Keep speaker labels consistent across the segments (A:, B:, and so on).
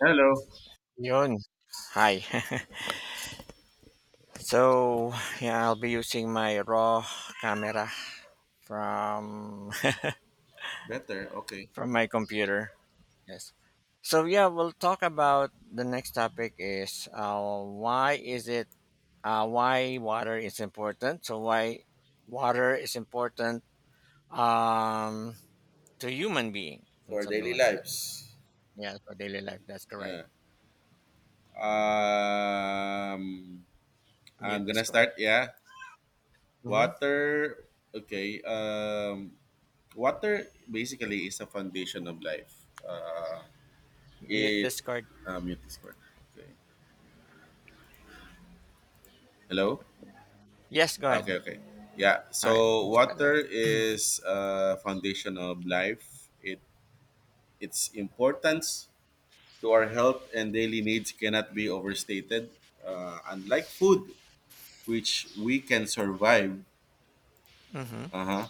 A: Hello.
B: Yun. Hi. so yeah, I'll be using my raw camera from
A: Better. Okay.
B: from my computer. Yes. So yeah, we'll talk about the next topic is why is it why water is important? So why water is important, um, to human being and
A: For
B: something
A: daily
B: like that.
A: lives.
B: Yeah, for daily life. That's correct.
A: Uh, um,
B: Mute
A: I'm gonna
B: Discord.
A: start. Yeah.
B: Mm-hmm.
A: Water. Okay. Water basically is a foundation of life.
B: Mute
A: It.
B: Discord.
A: Mute this part. Okay. Hello.
B: Yes, go ahead.
A: Okay. Okay. Yeah.
B: All right,
A: So
B: it's better.
A: water is a foundation of life. It its importance to our health and daily needs cannot be overstated. Unlike food which we can survive,
B: Mm-hmm.
A: uh-huh,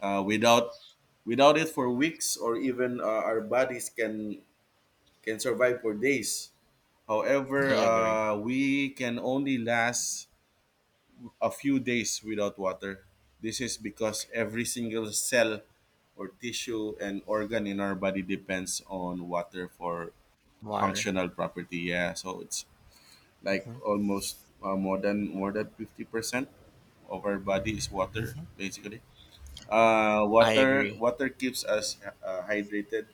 A: without it for weeks, or even our bodies can survive for days.
B: I
A: However,
B: agree.
A: we can only last a few days without water. This is because every single cell or tissue and organ in our body depends on water for
B: Water.
A: functional property. Yeah, so it's like
B: Mhm,
A: almost more than 50% of our body is water
B: mhm.
A: basically.
B: I agree.
A: Water keeps us hydrated,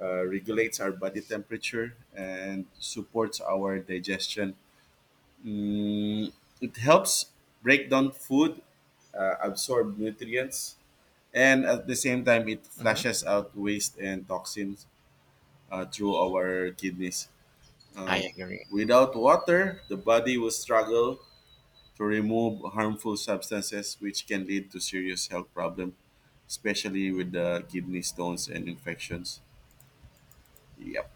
A: regulates our body temperature, and supports our digestion. Mm, it helps break down food, absorb nutrients, and at the same time, it
B: Mhm.
A: flushes out waste and toxins through our kidneys.
B: I
A: Um,
B: agree.
A: Without water, the body will struggle to remove harmful substances, which can lead to serious health problems, especially with the kidney stones and infections. Yep.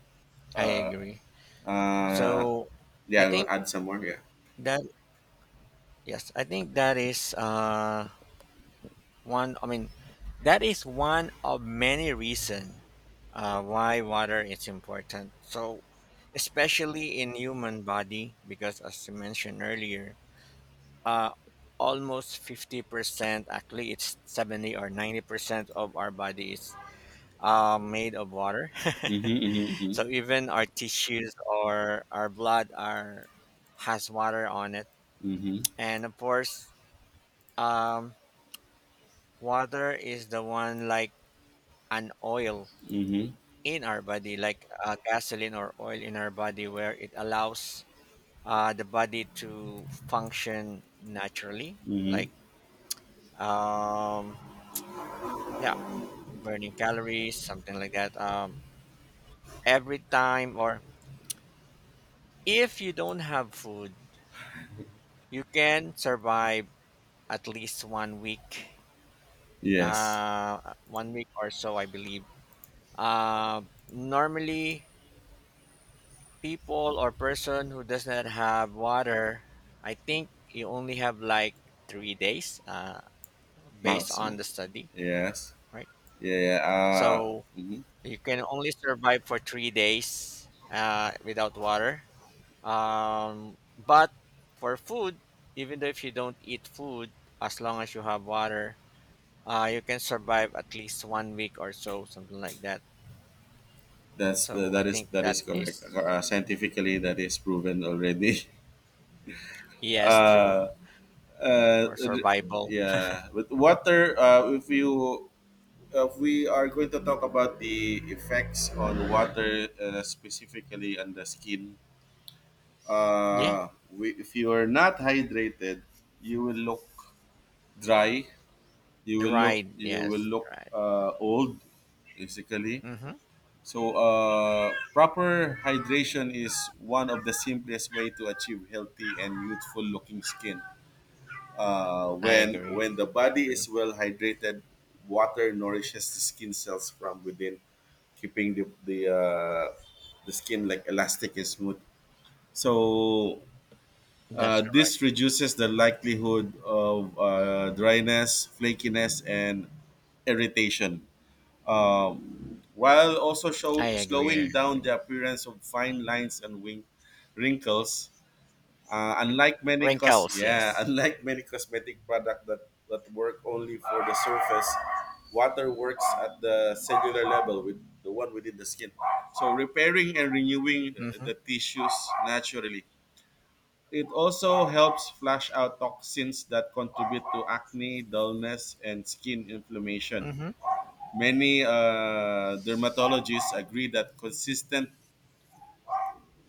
B: I
A: Uh,
B: agree.
A: uh,
B: So
A: yeah,
B: I
A: I'll
B: think
A: add some more. Yeah.
B: that yes, I think that is one I mean that is one of many reason why water is important. So especially in human body because as you mentioned earlier, uh almost 50%, actually it's 70 or 90% of our body is made of water.
A: Mm-hmm, mm-hmm,
B: So even our tissues or our blood are has water on it.
A: mm-hmm,
B: And of course, um, water is the one like an oil
A: mm-hmm,
B: in our body, like gasoline or oil in our body, where it allows the body to function naturally,
A: mm-hmm.
B: like um, yeah, burning calories, something like that. Every time, or if you don't have food, you can survive at least
A: Yes.
B: 1 week or so, I believe. Uh, normally, people or person who does not have water, I think you only have like 3 days, based on
A: Maximum.
B: the study, yeah,
A: Yes.
B: right?
A: Yeah, yeah. Uh,
B: So
A: mhm.
B: you can only survive for 3 days without water. But for food, even though if you don't eat food, as long as you have water, you can survive at least 1 week or so, something like that.
A: That's the.
B: So I
A: that is
B: think
A: that
B: that
A: is correct.
B: is
A: Scientifically, that is proven already.
B: yes true
A: uh, uh,
B: for
A: r-
B: survival.
A: yeah. With water, if you we are going to talk about the effects on water, specifically on the skin.
B: Yeah,
A: If you are not hydrated, you will look dry. You
B: the
A: will look
B: ride.
A: you will
B: Yes,
A: look
B: right.
A: uh, old, basically.
B: Mm-hmm.
A: So, proper hydration is one of the simplest way to achieve healthy and youthful looking skin. Uh,
B: I
A: when
B: agree.
A: when the
B: That's
A: body
B: true.
A: is well hydrated, water nourishes the skin cells from within, keeping the skin like elastic and smooth. So
B: That's correct.
A: this reduces the likelihood of dryness, flakiness, and irritation, while also
B: I agree. I
A: slowing down
B: agree.
A: the appearance of fine lines and wrinkles. Unlike many cos
B: Wrinkles.
A: yeah,
B: Yes.
A: Unlike many cosmetic product that work only for the surface, water works at the cellular level with the one within the skin. So repairing and renewing the,
B: Mm-hmm.
A: the tissues naturally. It also helps flush out toxins that contribute to acne, dullness, and skin inflammation.
B: Mm-hmm.
A: Many dermatologists agree that consistent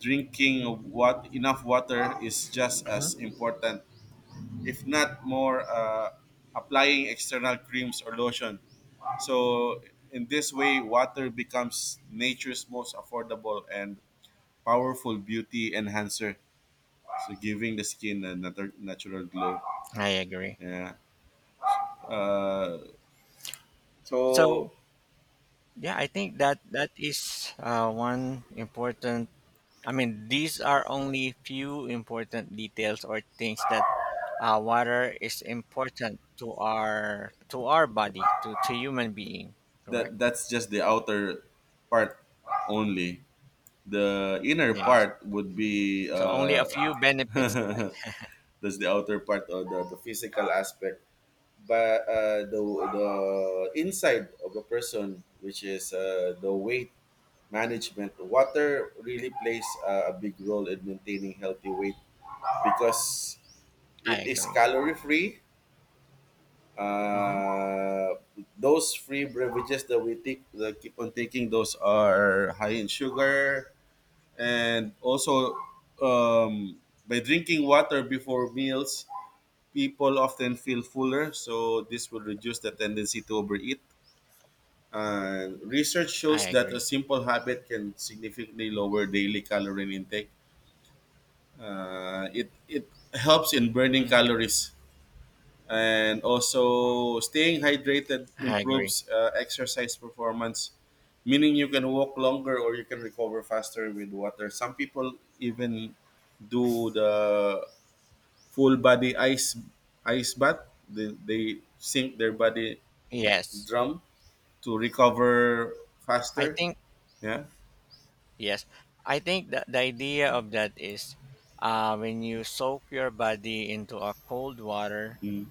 A: drinking of enough water is just
B: Mm-hmm.
A: as important, if not more, applying external creams or lotion. So in this way, water becomes nature's most affordable and powerful beauty enhancer, so giving the skin a natural glow.
B: I agree.
A: Yeah. Uh, so
B: So yeah, I think that that is one important. I mean, these are only few important details or things that water is important to our body to human being. Correct.
A: that's just the outer part only. The inner
B: Yes.
A: part would be
B: So only a few benefits, right?
A: that's the outer part or the physical aspect, but the inside of a person, which is the weight management. Water really plays a big role in maintaining healthy weight because
B: I
A: it is
B: agree.
A: calorie free.
B: Hmm.
A: Uh, those free beverages that we take, that keep on taking, those are high in sugar, and also, um, by drinking water before meals, people often feel fuller. So this will reduce the tendency to overeat. And research
B: I
A: shows that a
B: agree.
A: simple habit can significantly lower daily calorie intake. It helps in burning
B: Hmm.
A: calories, and also staying hydrated
B: I agree.
A: improves exercise performance, meaning you can walk longer or you can recover faster with water. Some people even do the full body ice bath. They sink their body
B: Yes.
A: drum to recover
B: I
A: faster.
B: think
A: Yeah.
B: yes. I think that the idea of that is, when you soak your body into a cold water,
A: Mm.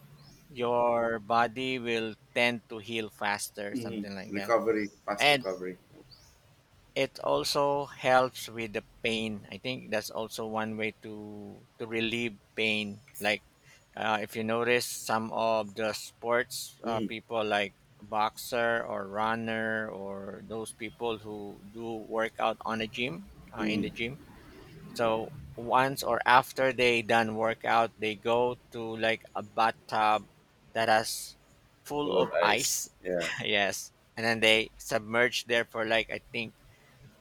B: your body will tend to heal faster,
A: Hmm.
B: something like that.
A: Recovery, fast
B: And
A: recovery.
B: it also helps with the pain. I think that's also one way to relieve pain. Like if you notice some of the sports
A: Mm-hmm.
B: people like boxer or runner or those people who do workout on a gym in the
A: We
B: gym. So once or after they done workout, they go to like a bathtub that has full
A: love
B: of
A: ice.
B: ice.
A: Yeah.
B: Yes, and then they submerge there for like I think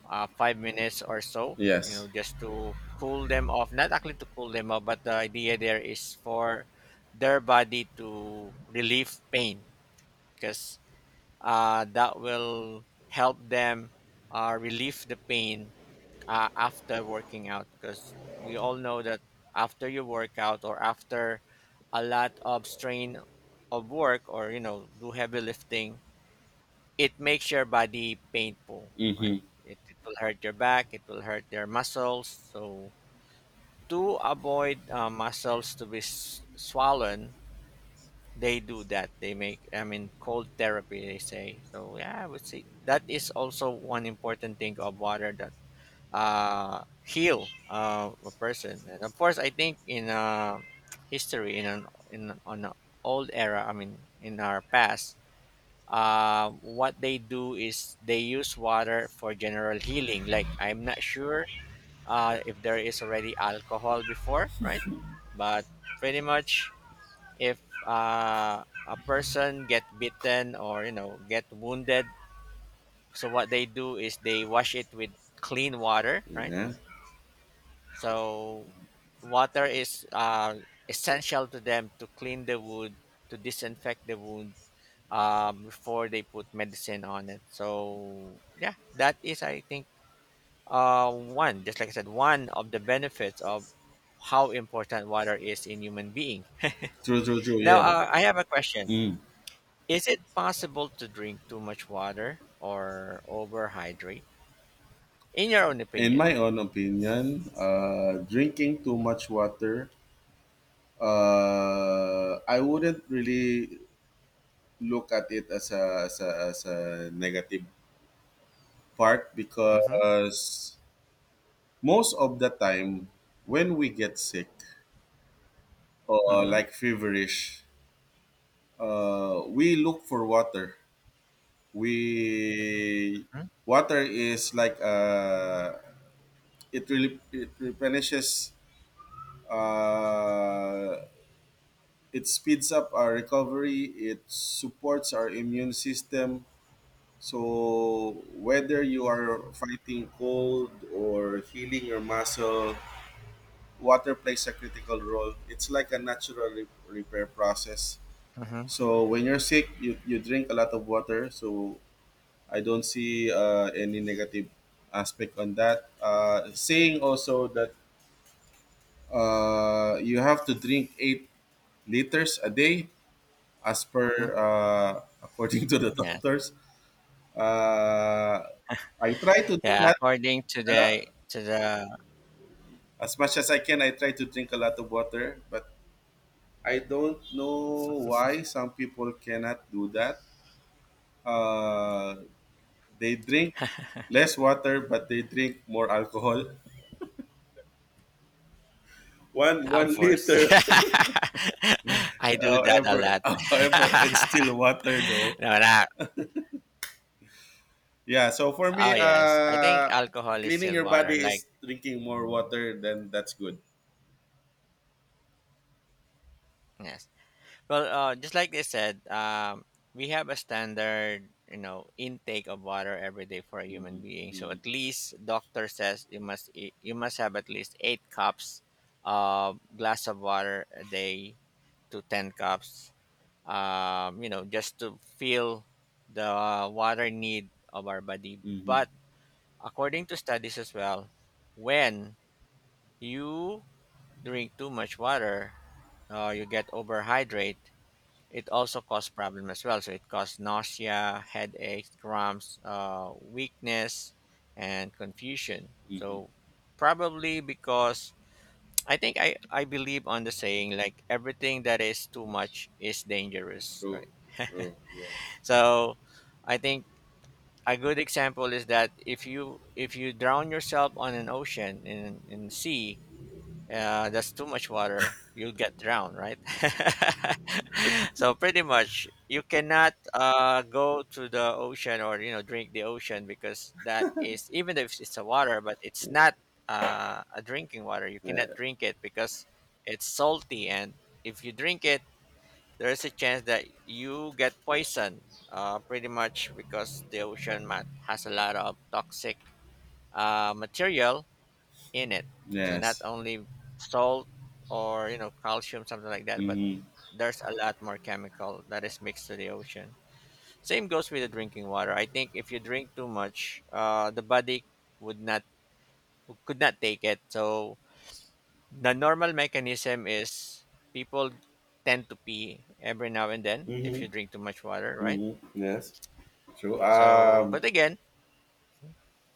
B: 5 minutes or so, you
A: Yes.
B: know, just to cool them off. Not actually to cool them off, but the idea there is for their body to relieve pain because that will help them relieve the pain after working out. Because we all know that after you work out or after a lot of strain of work or, you know, do heavy lifting, it makes your body painful, right?
A: Mm-hmm.
B: It will hurt your back, it will hurt your muscles. So, to avoid muscles to be swollen, they do that. They make, I mean, cold therapy, they say. So, yeah, I would say that is also one important thing of water that heal a person. And of course, I think in history, on an old era, I mean, in our past, what they do is they use water for general healing. Like I'm not sure if there is already alcohol before, right? But pretty much, if a person get bitten or you know get wounded, so what they do is they wash it with clean water, right?
A: Yeah.
B: So water is essential to them to clean the wood, to disinfect the wood before they put medicine on it. So yeah, that is I think one, just like I said, one of the benefits of how important water is in human being.
A: True, true, true.
B: Now
A: Yeah.
B: I have a question:
A: Mm.
B: is it possible to drink too much water or overhydrate? In your own
A: In my
B: opinion?
A: own opinion, drinking too much water, I wouldn't really look at it as a negative part
B: Mm-hmm.
A: because most of the time when we get sick or
B: Mm-hmm.
A: like feverish, we look for water. We
B: Mm-hmm.
A: Water is like, it really, it replenishes, uh it speeds up our recovery, it supports our immune system. So whether you are fighting cold or healing your muscle, water plays a critical role. It's like a natural repair process.
B: Mm-hmm.
A: So when you're sick, you drink a lot of water, so I don't see any negative aspect on that. Saying also that you have to drink 8 liters a day, as per
B: Mm-hmm.
A: according to the
B: Yeah.
A: doctors. Uh, I try to do
B: Yeah,
A: that.
B: according to the
A: Yeah.
B: to the
A: As much as I can, I try to drink a lot of water, but I don't know why some people cannot do that. Uh, they drink less water, but they drink more alcohol. One
B: Hub
A: one
B: Force.
A: liter.
B: I do that a
A: However,
B: lot.
A: however, it's still water though.
B: No, not.
A: Yeah. So for
B: Oh
A: me,
B: yes, I think alcohol is
A: cleaning
B: still
A: your
B: water.
A: body
B: Like
A: is drinking more
B: mm,
A: water. Then that's good.
B: yes, well, just like they said, we have a standard, you know, intake of water every day for a human
A: Mm-hmm.
B: being. So
A: Mm-hmm.
B: at least doctor says you must you must have at least 8 cups of glass of water a day to 10 cups, you know, just to feel the water need of our body.
A: Mm-hmm.
B: But according to studies as well, when you drink too much water, you get overhydrate. It also cause problem as well. So it cause nausea, headaches, cramps, weakness, and confusion.
A: Mm-hmm.
B: So probably because I believe on the saying like everything that is too much is dangerous,
A: True.
B: right?
A: True. Yes.
B: So I think a good example is that if you drown yourself on an ocean in sea, that's too much water. You'll get drowned, right? So pretty much you cannot go to the ocean or you know drink the ocean because that is, even if it's a water, but it's not a drinking water. You cannot
A: Yeah.
B: drink it because it's salty, and if you drink it, there is a chance that you get poisoned, pretty much because the ocean mat has a lot of toxic material in it, so not
A: Yes.
B: only salt or you know calcium something like that, but
A: Mm-hmm.
B: there's a lot more chemical that is mixed to the ocean. Same goes with the drinking water. I think if you drink too much, the body would not could not take it, so the normal mechanism is people tend to pee every now and then if you
A: Mm-hmm.
B: drink too much water, right?
A: Mm-hmm. Yes. True.
B: So, but again,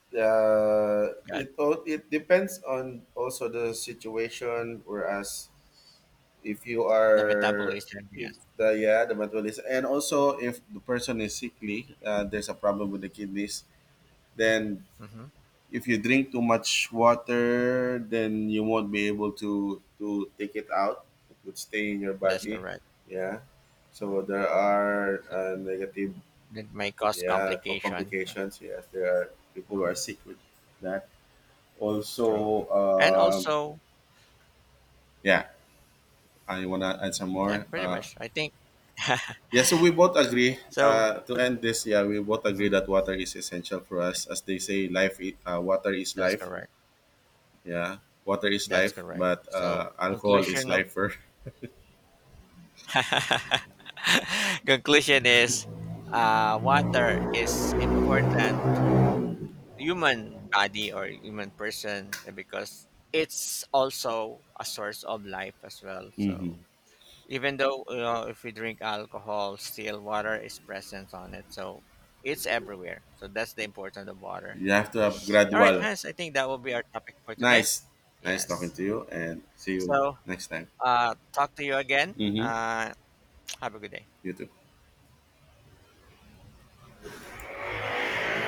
B: God,
A: It all. It depends on also the situation. Whereas if you
B: the
A: are
B: metabolism,
A: if
B: yes,
A: the yeah, the metabolism, and also if the person is sickly, there's a problem with the kidneys. Then
B: hmm,
A: if you drink too much water, then you won't be able to take it out, it would stay in your
B: that's
A: body.
B: correct.
A: Yeah, so there are negative,
B: It may cause
A: yeah,
B: complication. Right.
A: complications, yes. There are people who are sick with that also.
B: True, and also,
A: Yeah, I want to add some
B: yeah,
A: more.
B: pretty much. I think
A: Yeah, so we both agree.
B: so.
A: To
B: But
A: end this, yeah, we both
B: mhm,
A: agree that water is essential for us. As they say, life, water is
B: that's
A: life.
B: correct.
A: Yeah, water is
B: That's
A: life,
B: correct.
A: but
B: So,
A: alcohol is
B: conclusion of
A: lifer.
B: conclusion is, water is important to human body or human person because it's also a source of life as well.
A: Hmm.
B: So even though you, if we drink alcohol, still water is present on it, so it's everywhere. So that's the importance of water.
A: You have to have
B: All right,
A: gradual.
B: Hans, I think that will be our topic for today.
A: Nice, nice talking
B: Yes,
A: to you, and see you
B: so
A: next time.
B: talk to you again.
A: Hmm.
B: uh have a good day.
A: You too.